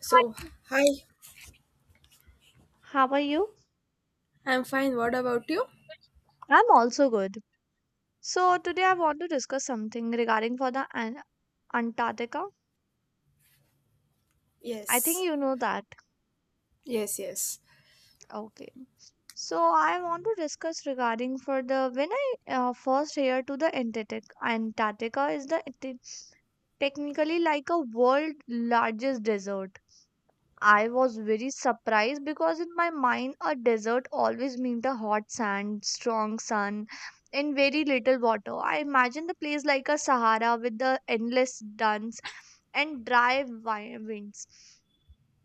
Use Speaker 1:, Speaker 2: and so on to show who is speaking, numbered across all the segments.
Speaker 1: So,
Speaker 2: Hi,
Speaker 1: hi.
Speaker 2: how are you?
Speaker 1: I'm fine. What about you?
Speaker 2: I'm also good. So today I want to discuss something regarding for the Antarctica. I think
Speaker 1: Yes.
Speaker 2: you know that.
Speaker 1: Yes, yes.
Speaker 2: Okay. So I want to discuss regarding for the when I first heard to the Antarctic. Antarctica is the it is technically like a world largest desert. I was very surprised because in my mind a desert always meant a hot sand, strong sun, and very little water. I imagined the place like a Sahara with the endless dunes and dry winds.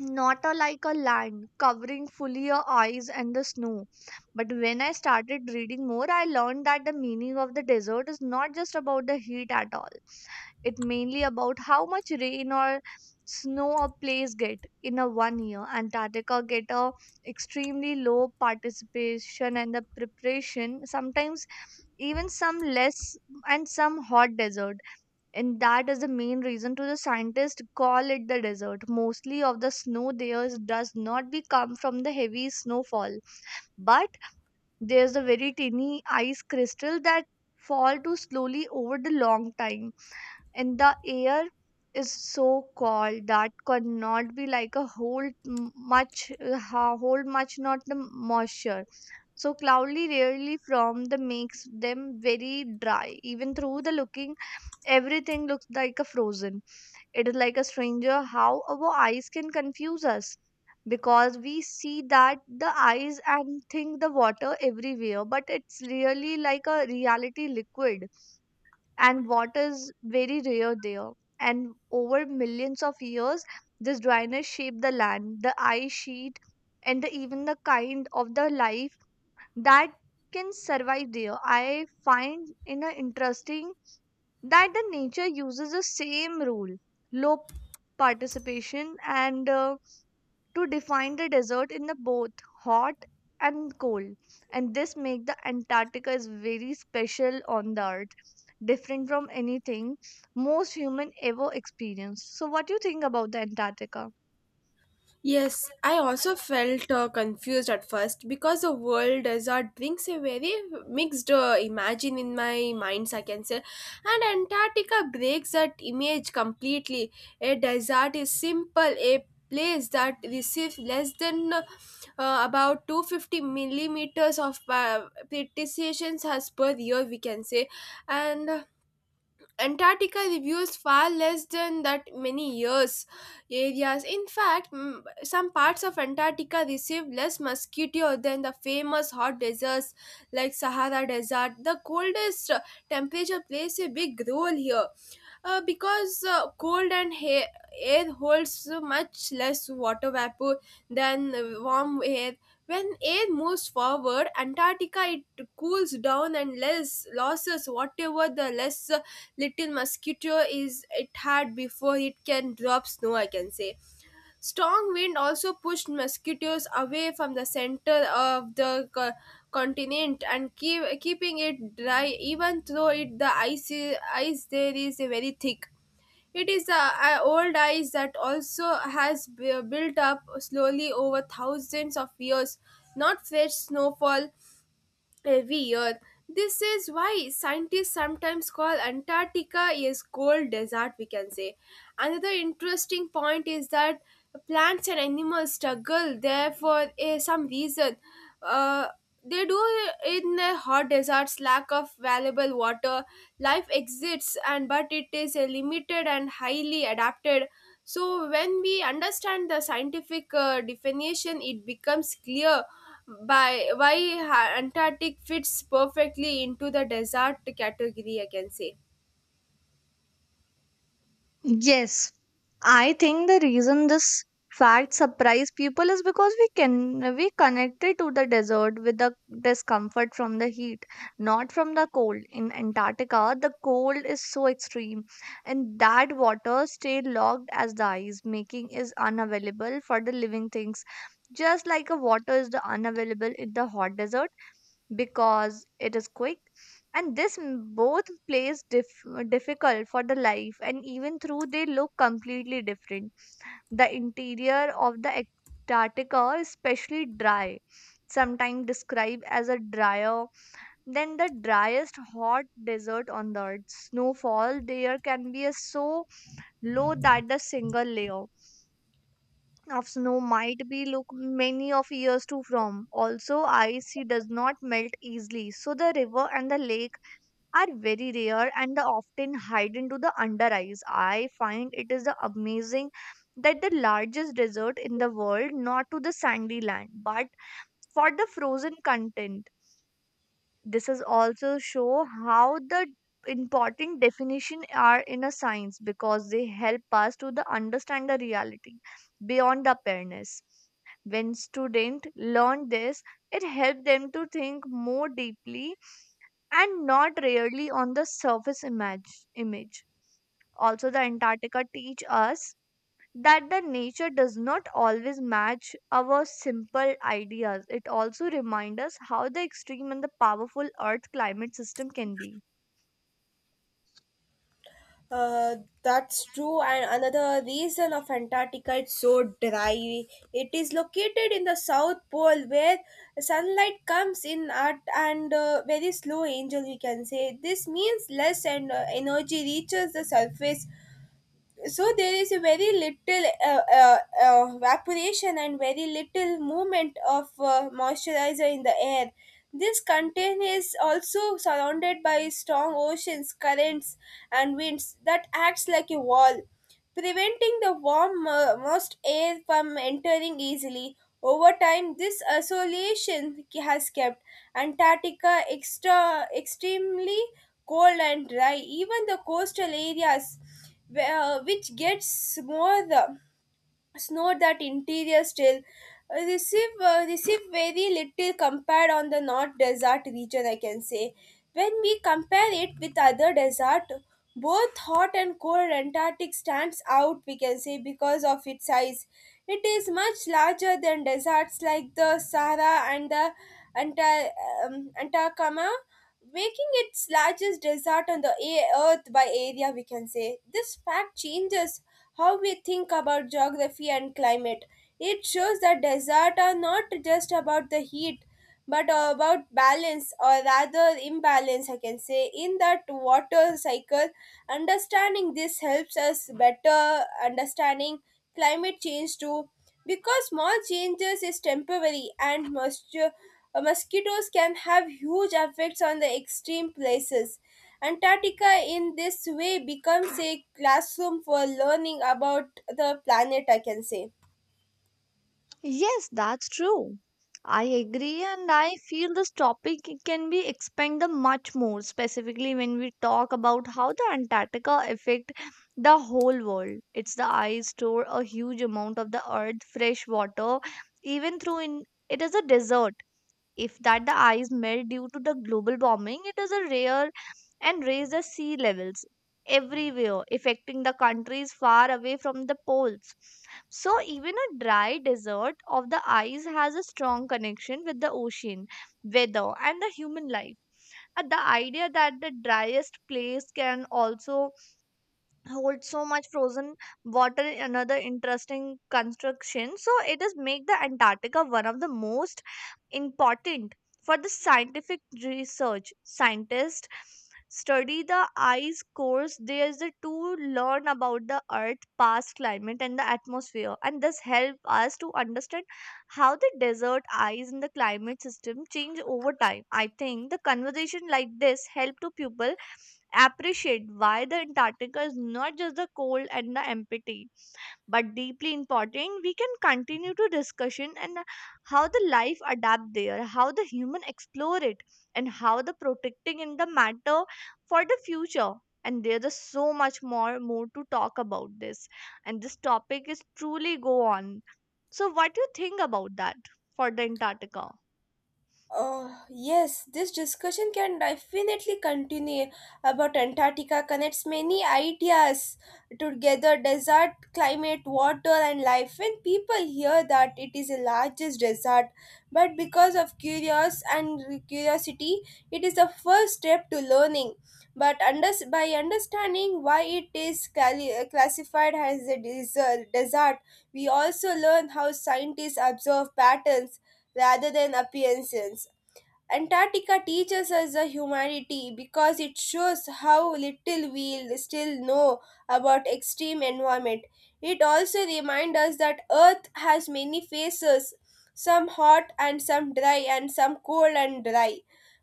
Speaker 2: Not a, like a land covering fully your eyes and the snow. But when I started reading more, I learned that the meaning of the desert is not just about the heat at all, it mainly about how much rain or snow a place get in a one year. Antarctica get a extremely low participation and the preparation, sometimes even some less and some hot desert, and that is the main reason to the scientists call it the desert. Mostly of the snow there does not be come from the heavy snowfall, but there's a very tiny ice crystal that fall to slowly over the long time, and the air is so cold that could not be like a whole much hold much not the moisture, so cloudy rarely from the makes them very dry. Even through the looking, everything looks like a frozen. It is like a stranger how our eyes can confuse us, because we see that the eyes and think the water everywhere, but it's really like a reality liquid, and water is very rare there. And over millions of years, this dryness shaped the land, the ice sheet, and the, even the kind of the life that can survive there. I find in a interesting that the nature uses the same rule, low participation, and to define the desert in the both hot and cold. And this make the Antarctica is very special on the earth, different from anything most human ever experienced. So, what do you think about the Antarctica?
Speaker 1: Yes, I also felt confused at first because the world desert brings a very mixed imagine in my minds, I can say. And Antarctica breaks that image completely. A desert is simple, a place that receives less than about 250 millimeters of precipitation as per year, we can say. And Antarctica reviews far less than that many years areas. In fact, some parts of Antarctica receive less mosquito than the famous hot deserts like Sahara Desert. The coldest temperature plays a big role here. Because cold and air holds much less water vapor than warm air. When air moves forward, Antarctica it cools down and less losses whatever the less little mosquito is it had before it can drop snow. I can say strong wind also pushed mosquitoes away from the center of the continent and keeping it dry. Even though it the ice is ice there is very thick it is a old ice that also has built up slowly over thousands of years. Not fresh snowfall, every year. This is why scientists sometimes call Antarctica a cold desert, we can say. Another interesting point is that plants and animals struggle there for some reason. Uh, they do in hot deserts, lack of valuable water, life exists, and but it is limited and highly adapted. So when we understand the scientific definition, it becomes clear by why Antarctic fits perfectly into the desert category, I can say.
Speaker 2: Yes, I think the reason this fact surprised people is because we can we connected to the desert with the discomfort from the heat, not from the cold. In Antarctica, the cold is so extreme, and that water stayed locked as the ice, making is unavailable for the living things. Just like a water is the unavailable in the hot desert because it is quick, and this both plays difficult for the life. And even through they look completely different, the interior of the Antarctica is especially dry, sometimes described as a drier than the driest hot desert on the earth. Snowfall there can be a so low that the single layer of snow might be look many of years to from also ice. It does not melt easily, so the river and the lake are very rare, and they often hide into the under eyes. I find it is the amazing that the largest desert in the world, not to the sandy land, but for the frozen content. This is also show how the important definition are in a science, because they help us to the understand the reality beyond the appearance. When students learn this, it helps them to think more deeply and not really on the surface image. Also the Antarctica teach us that the nature does not always match our simple ideas. It also reminds us how the extreme and the powerful earth climate system can be.
Speaker 1: Uh, that's true. And another reason of Antarctica it's so dry. It is located in the South Pole where sunlight comes in at and very slow. Angel, we can say this means less and energy reaches the surface so there is a very little evaporation and very little movement of moisturizer in the air this contain is also surrounded by strong oceans currents and winds that acts like a wall preventing the warm moist air from entering easily. Over time, this isolation has kept Antarctica extremely cold and dry. Even the coastal areas, where, which gets more snow that interior still receive very little compared on the north desert region I can say when we compare it with other desert both hot and cold antarctic stands out we can say because of its size it is much larger than deserts like the Sahara and the Anta- Atacama making its largest desert on the earth by area we can say this fact changes how we think about geography and climate. It shows that deserts are not just about the heat but about balance or rather imbalance I can say in that water cycle understanding this helps us better understanding climate change too because small changes is temporary and moisture mosquitoes can have huge effects on the extreme places antarctica in this way becomes a classroom for learning about the planet I can say
Speaker 2: Yes, that's true. I agree, and I feel this topic it can be expanded much more, specifically when we talk about how the Antarctica affect the whole world. It's the ice store a huge amount of the earth fresh water, even through in it is a desert. If that the ice melt due to the global warming, it is a rare and raise the sea levels everywhere, affecting the countries far away from the poles. So, even a dry desert of the ice has a strong connection with the ocean, weather, and the human life. The idea that the driest place can also hold so much frozen water, another interesting construction, so it is make the Antarctica one of the most important for the scientific research. Scientists study the ice cores there's the to learn about the earth past climate and the atmosphere, and this help us to understand how the desert ice and the climate system change over time. I think the conversation like this help to people appreciate why the Antarctica is not just the cold and the empty, but deeply important. We can continue to discussion and how the life adapt there, how the human explore it, and how the protecting in the matter for the future. And there's a so much more to talk about this, and this topic is truly go on. So, what do you think about that for the Antarctica?
Speaker 1: Yes, this discussion can definitely continue about Antarctica connects many ideas together desert, climate, water, and life. When people hear that it is the largest desert, but because of curious and curiosity, it is the first step to learning. By understanding why it is classified as a desert, we also learn how scientists observe patterns rather than appearances. Antarctica teaches us the humanity because it shows how little we still know about extreme environment. It also reminds us that Earth has many faces, some hot and some dry and some cold and dry.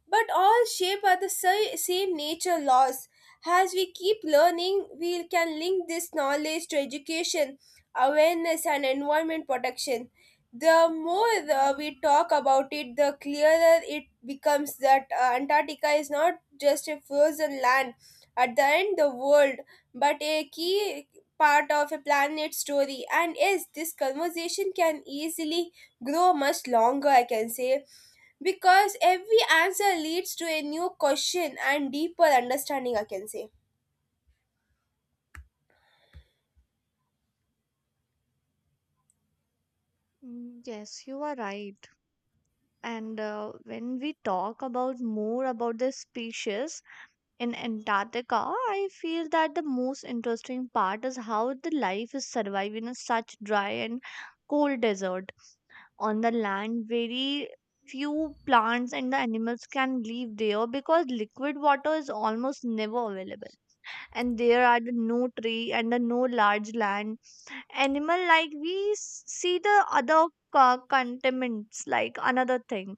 Speaker 1: But all shaped by the same nature laws. As we keep learning, we can link this knowledge to education, awareness and environment protection the more we talk about it, the clearer it becomes that Antarctica is not just a frozen land, at the end, of the world, but a key part of a planet's story. And yes, this conversation can easily grow much longer, I can say, because every answer leads to a new question and deeper understanding, I can say.
Speaker 2: Mm, yes, you are right. And when we talk about more about the species in Antarctica, I feel that the most interesting part is how the life is surviving in such dry and cold desert. On the land, very few plants and the animals can live there because liquid water is almost never available. And there are the no tree and the no large land animal like we see the other continents, like another thing.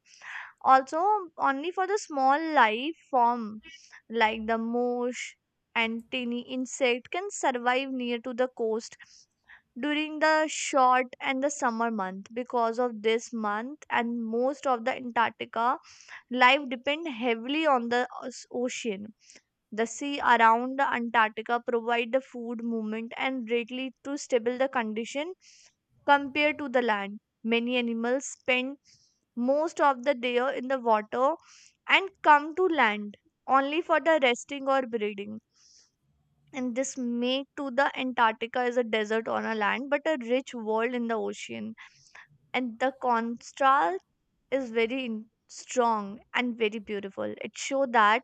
Speaker 2: Also only for the small life form like the moose and tiny insect can survive near to the coast during the short and the summer month. Because of this month, and most of the Antarctica life depend heavily on the ocean. The sea around the Antarctica provide the food movement and greatly to stable the condition compared to the land. Many animals spend most of the day in the water and come to land only for the resting or breeding. And this make to the Antarctica is a desert on a land, but a rich world in the ocean. And the contrast is very strong and very beautiful. It show that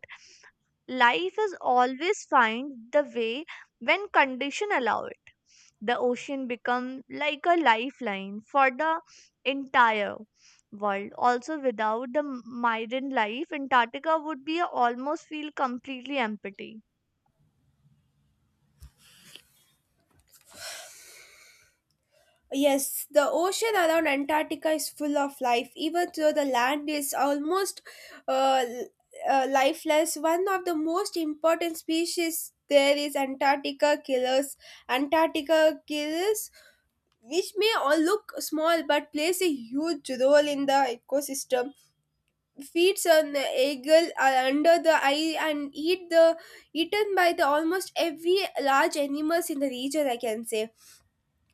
Speaker 2: life is always find the way when condition allow it. The ocean become like a lifeline for the entire world. Also without the marine life, Antarctica would be almost feel completely empty.
Speaker 1: Yes, the ocean around Antarctica is full of life, even though the land is almost uh, l- lifeless. One of the most important species there is Antarctica killers. Antarctica killers, which may all look small but plays a huge role in the ecosystem, feeds on the eagle are under the eye and eat the eaten by the almost every large animals in the region. I can say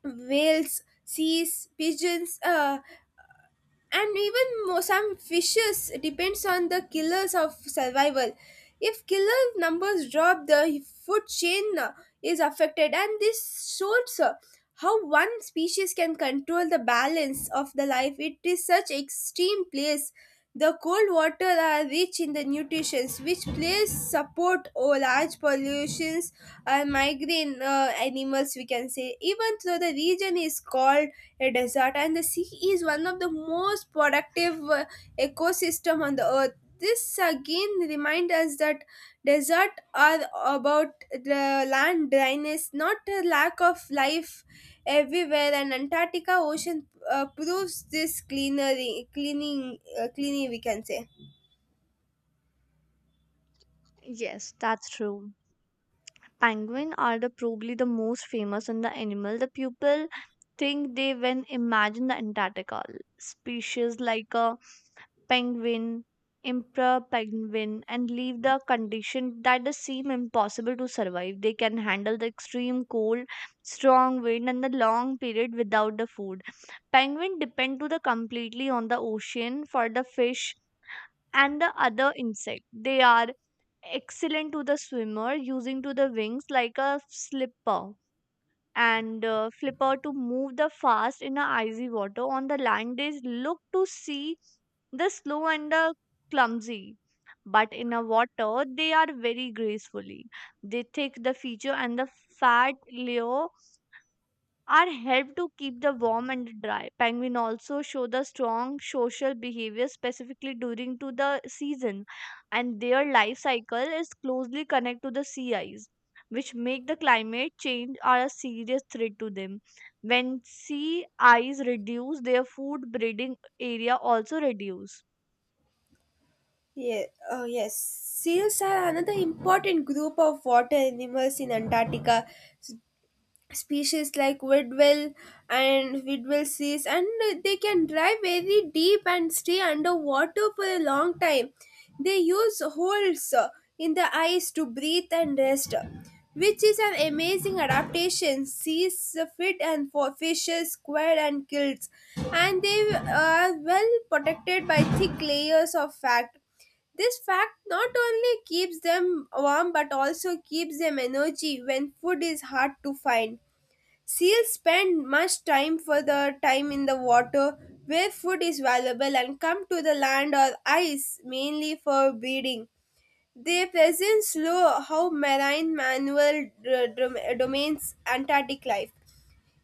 Speaker 1: whales, seas, pigeons, and even some fishes depends on the killers of survival if killer numbers drop the food chain is affected and this shows how one species can control the balance of the life it is such extreme place the cold water are rich in the nutrients which place support or large pollutions and migraine animals we can say even though the region is called a desert and the sea is one of the most productive ecosystem on the earth this again reminds us that deserts are about the land dryness not a lack of life everywhere and antarctica ocean proves this cleanery cleaning cleaning we can say.
Speaker 2: Yes, that's true. Penguin are the probably the most famous in the animal. The people think they when imagine the Antarctica species like a penguin, emperor penguin, and leave the condition that the seem impossible to survive. They can handle the extreme cold, strong wind, and the long period without the food. Penguin depend to the completely on the ocean for the fish and the other insect. They are excellent to the swimmer, using to the wings like a slipper and flipper to move the fast in the icy water. On the land, they look to see the slow and the clumsy. But in a water, they are very gracefully. They take the feature and the fat layer are help to keep the warm and dry. Penguin also show the strong social behavior specifically during to the season, and their life cycle is closely connected to the sea ice, which make the climate change are a serious threat to them. When sea ice reduce, their food breeding area also reduce.
Speaker 1: Yeah. Oh, yes. Seals are another important group of water animals in antarctica species like Widwell and Widwell seas, and they can dive very deep and stay underwater for a long time. They use holes in the ice to breathe and rest, which is an amazing adaptation. Seas fit and for fishes, squid, and gills, and they are well protected by thick layers of fat. This fact not only keeps them warm but also keeps them energy when food is hard to find. Seals spend much time further time in the water where food is valuable and come to the land or ice mainly for breeding. Their presence slow how marine manual domains Antarctic life.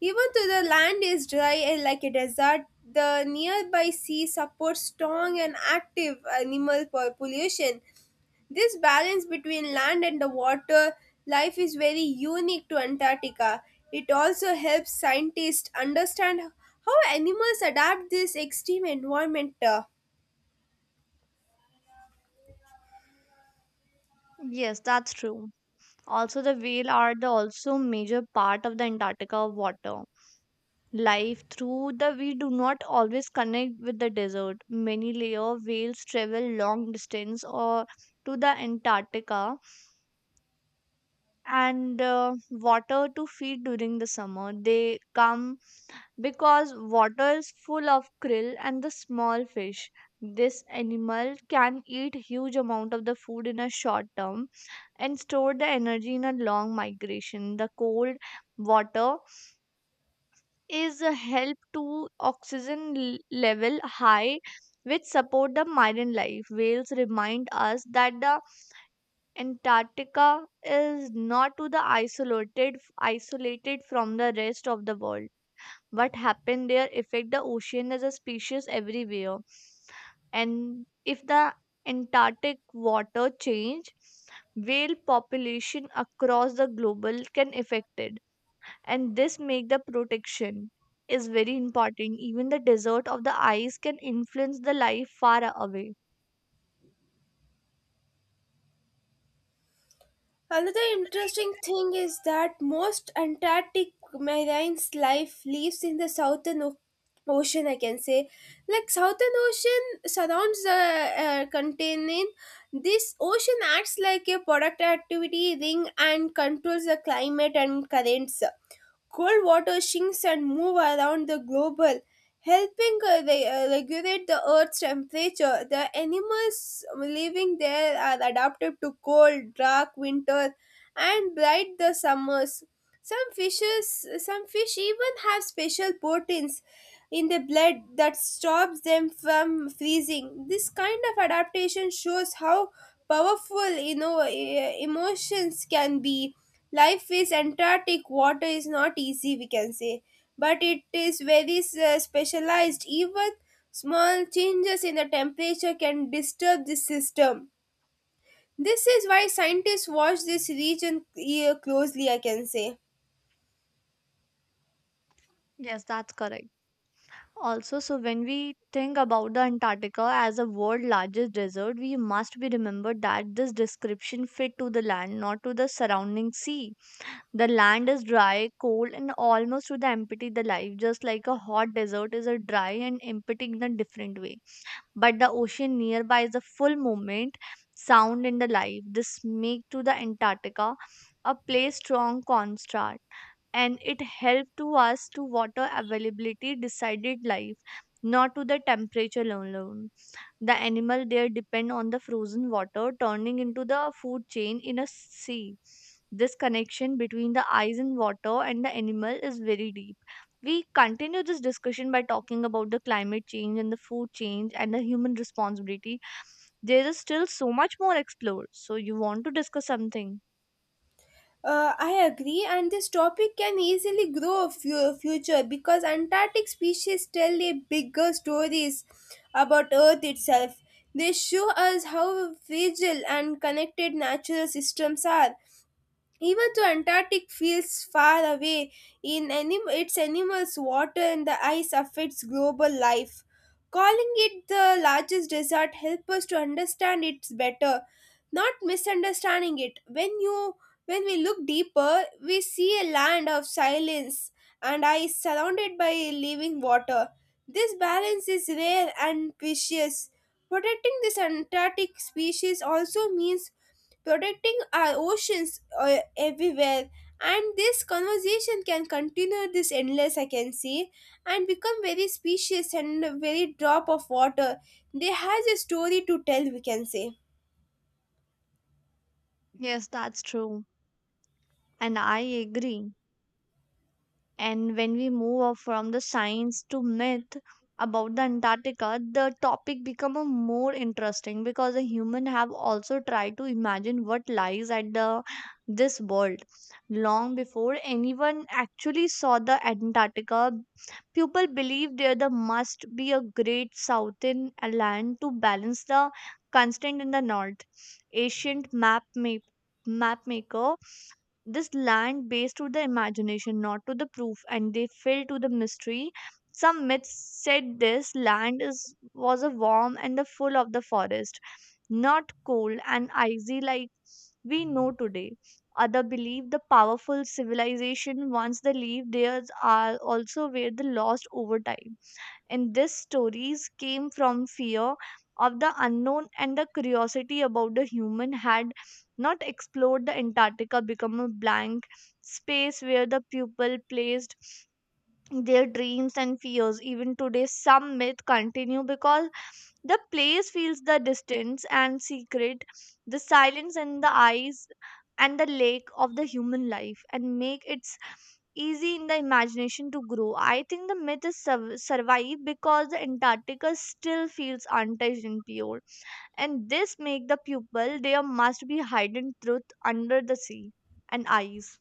Speaker 1: Even though the land is dry and like a desert, the nearby sea supports strong and active animal population. This balance between land and the water life is very unique to Antarctica. It also helps scientists understand how animals adapt this extreme environment.
Speaker 2: Yes, that's true. Also the whale are the also major part of the Antarctica water life, through the we do not always connect with the desert. Many layer whales travel long distance or to the Antarctica and water to feed during the summer. They come because water is full of krill and the small fish. This animal can eat huge amount of the food in a short term and store the energy in a long migration. The cold water is a help to oxygen level high, which support the marine life. Whales remind us that the Antarctica is not to the isolated from the rest of the world. What happened there affect the ocean as a species everywhere, and if the antarctic water change, whale population across the global can affect it. And this make the protection is very important. Even the desert of the ice can influence the life far away.
Speaker 1: Another interesting thing is that most Antarctic marine's life lives in the Ocean, I can say. Like, Southern Ocean surrounds the continent. This ocean acts like a product activity ring and controls the climate and currents. Cold water sinks and move around the global helping regulate the earth's temperature the animals living there are adapted to cold dark winter and bright the summers some fish even have special proteins in the blood that stops them from freezing. This kind of adaptation shows how powerful emotions can be. Life is Antarctic water is not easy, we can say, but it is very specialized. Even small changes in the temperature can disturb the system. This is why scientists watch this region closely, I can say.
Speaker 2: Yes, that's correct. Also so when we think about the Antarctica as a world largest desert, we must be remembered that this description fit to the land, not to the surrounding sea. The land is dry, cold, and almost to the empty the life, just like a hot desert is a dry and empty in a different way. But the ocean nearby is a full movement, sound in the life. This make to the Antarctica a place strong contrast, and it helped to us to water availability decided life, not to the temperature alone. The animal there depend on the frozen water turning into the food chain in a sea. This connection between the ice and water and the animal is very deep. We continue this discussion by talking about the climate change and the food change and the human responsibility. There is still so much more explored. So you want to discuss something?
Speaker 1: I agree, and this topic can easily grow a future because Antarctic species tell a bigger stories about Earth itself. They show us how fragile and connected natural systems are. Even though Antarctic feels far away, in its animals, water, and the ice affects global life. Calling it the largest desert helps us to understand it better, not misunderstanding it. When we look deeper, we see a land of silence and ice surrounded by living water. This balance is rare and precious. Protecting this Antarctic species also means protecting our oceans everywhere. And this conversation can continue this endless, I can see, and become very specious and very drop of water. They has a story to tell, we can say.
Speaker 2: Yes, that's true. And I agree. And when we move off from the science to myth about the Antarctica, the topic become a more interesting because the human have also tried to imagine what lies at the this world. Long before anyone actually saw the Antarctica, people believe there the must be a great southern land to balance the constant in the north. Ancient map maker this land based to the imagination, not to the proof, and they fell to the mystery. Some myths said this land is was a warm and the full of the forest, not cold and icy like we know today. Other believe the powerful civilization once they leave theirs are also where they lost over time. And these stories came from fear of the unknown and the curiosity about the human had not explored the Antarctica become a blank space where the people placed their dreams and fears. Even today, some myths continue because the place feels the distance and secret, the silence in the eyes and the lake of the human life, and make it easy in the imagination to grow. I think the myth survived because the Antarctica still feels untouched and pure, and this make the pupil there must be hidden truth under the sea and ice.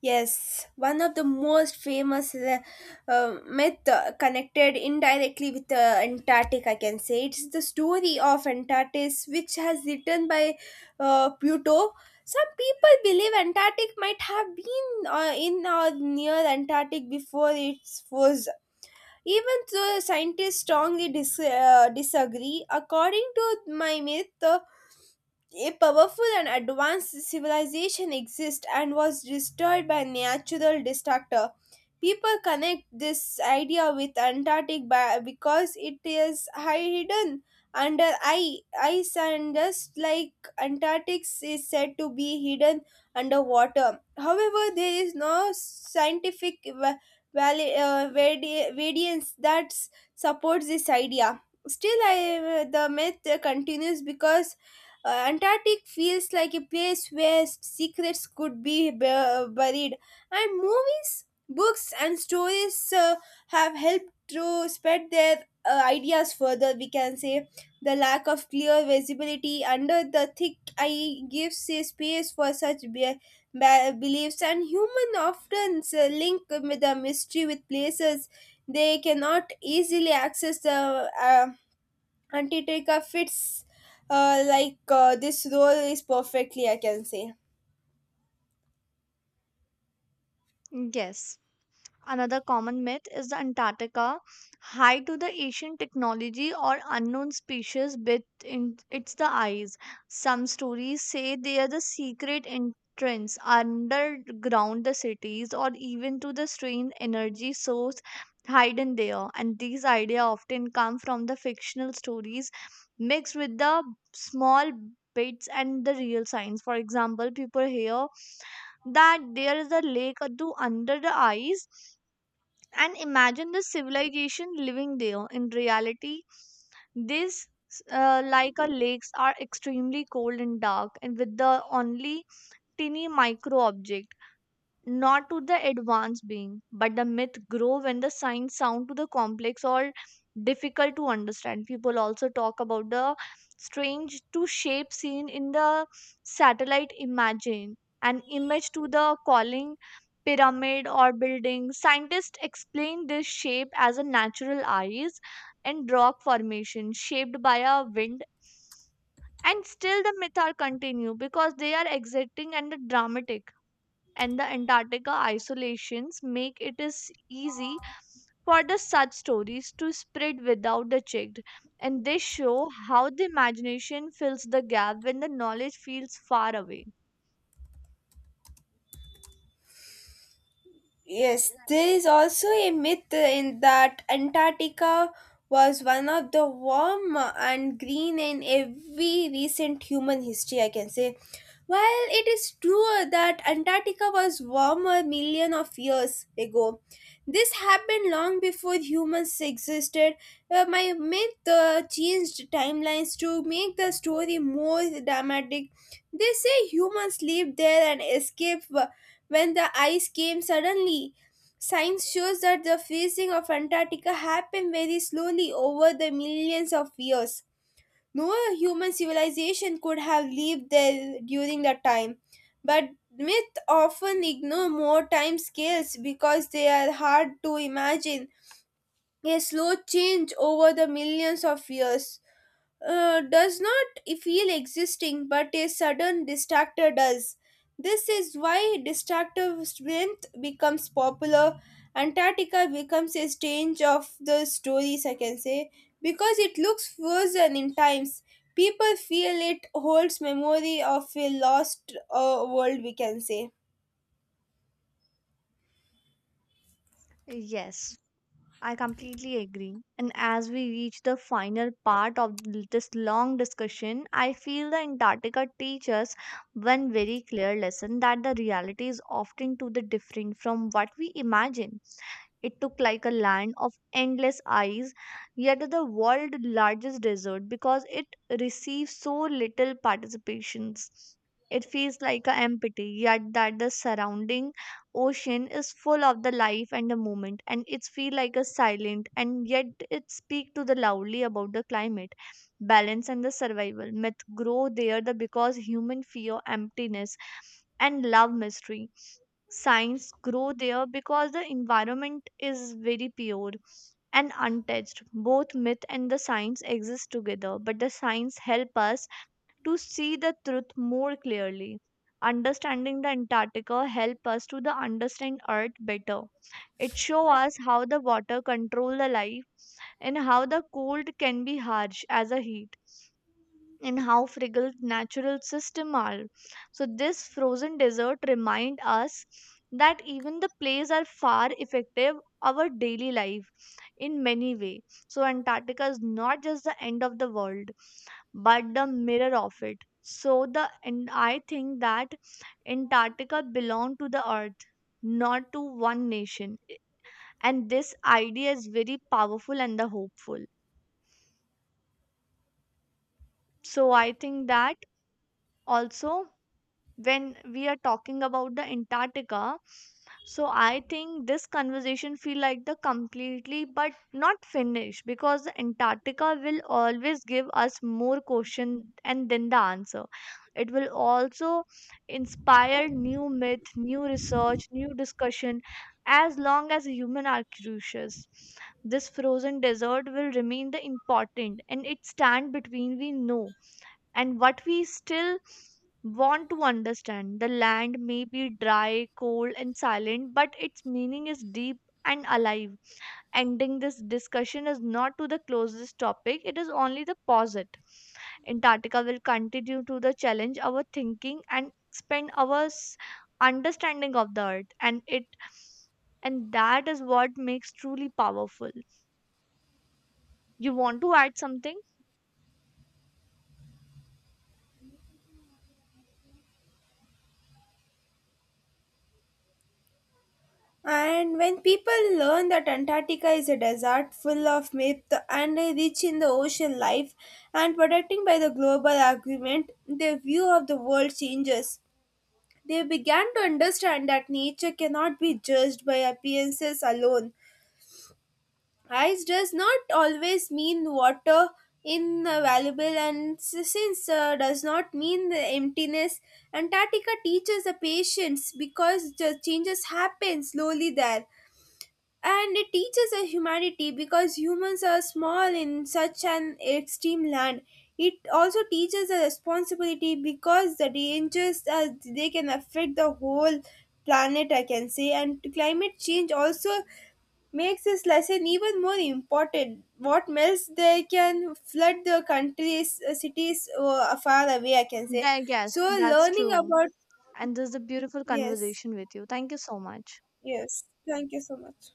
Speaker 1: Yes, one of the most famous myth connected indirectly with Antarctic, I can say. It's the story of Antarctis, which has written by Pluto. Some people believe Antarctic might have been in or near Antarctic before it was. Even though scientists strongly disagree, according to my myth, a powerful and advanced civilization exists and was destroyed by natural disaster. People connect this idea with Antarctic because it is hidden under ice and just like Antarctic is said to be hidden under water. However, there is no scientific evidence that supports this idea. Still, the myth continues because Antarctic feels like a place where secrets could be buried, and movies, books, and stories have helped to spread their ideas further. We can say the lack of clear visibility under the thick eye gives a space for such beliefs, and human often link with the mystery with places they cannot easily access the Antitrika fits this role is perfectly, I can say.
Speaker 2: Yes. Another common myth is the Antarctica, high to the Asian technology or unknown species bit in its the eyes. Some stories say they are the secret entrance underground the cities or even to the strange energy source hidden there. And these ideas often come from the fictional stories mixed with the small bits and the real science. For example, people hear that there is a lake or do under the ice and imagine the civilization living there. In reality, these like our lakes are extremely cold and dark and with the only tiny micro object, not to the advanced being, but the myth grow when the signs sound to the complex or difficult to understand. People also talk about the strange to shape seen in the satellite imagine an image to the calling pyramid or building. Scientists explain this shape as a natural eyes and rock formation shaped by a wind, and still the myth are continue because they are exciting and dramatic, and the Antarctica isolations make it is easy for the such stories to spread without the checked, and they show how the imagination fills the gap when the knowledge feels far away.
Speaker 1: Yes, there is also a myth in that Antarctica was one of the warm and green in every recent human history, I can say. While it is true that Antarctica was warmer million of years ago, this happened long before humans existed. My myth changed timelines to make the story more dramatic. They say humans lived there and escaped when the ice came suddenly. Science shows that the freezing of Antarctica happened very slowly over the millions of years. No human civilization could have lived there during that time, but myths often ignore more time scales because they are hard to imagine a slow change over the millions of years does not feel existing, but a sudden distractor does. This is why distractive strength becomes popular. Antarctica becomes a stage of the stories, I can say, because it looks frozen in times. People feel it holds memory of a lost world, we can say.
Speaker 2: Yes, I completely agree. And as we reach the final part of this long discussion, I feel the Antarctica teaches one very clear lesson that the reality is often to the different from what we imagine. It took like a land of endless ice, yet the world's largest desert because it receives so little participations. It feels like a empty, yet that the surrounding ocean is full of the life and the moment, and it's feel like a silent, and yet it speak to the loudly about the climate balance and the survival. Myth grow there the because human fear emptiness and love mystery. Science grow there because the environment is very pure and untouched. Both myth and the science exist together, but the science help us to see the truth more clearly. Understanding the Antarctica help us to the understand Earth better. It show us how the water control the life, and how the cold can be harsh as a heat, and how fragile natural system are. So this frozen desert remind us that even the plays are far effective our daily life in many way. So Antarctica is not just the end of the world but the mirror of it. So the and I think that Antarctica belong to the earth, not to one nation. And this idea is very powerful and the hopeful. So I think that also, when we are talking about the antarctica, so I think this conversation feel like the completely but not finished, because the antarctica will always give us more question and then the answer. It will also inspire new myth, new research, new discussion. As long as human are curious, this frozen desert will remain the important, and it stand between we know and what we still want to understand. The land may be dry, cold, and silent, but its meaning is deep and alive. Ending this discussion is not to the closest topic, it is only the posit. Antarctica will continue to the challenge our thinking and expand our understanding of the earth, and it and that is what makes truly powerful. You want to add something?
Speaker 1: And when people learn that Antarctica is a desert full of myth and rich in the ocean life and protecting by the global agreement, their view of the world changes. They began to understand that nature cannot be judged by appearances alone. Ice does not always mean water invaluable and s- since does not mean the emptiness antarctica teaches the patience because the changes happen slowly there and it teaches a humanity because humans are small in such an extreme land. It also teaches a responsibility because the dangers they can affect the whole planet, I can say. And climate change also makes this lesson even more important. What melts they can flood the countries, cities far away, I can say.
Speaker 2: There, yes,
Speaker 1: So
Speaker 2: that's
Speaker 1: learning
Speaker 2: true.
Speaker 1: about
Speaker 2: And this is a beautiful
Speaker 1: yes,
Speaker 2: conversation with you. Thank you so much.
Speaker 1: yes. Thank you so much.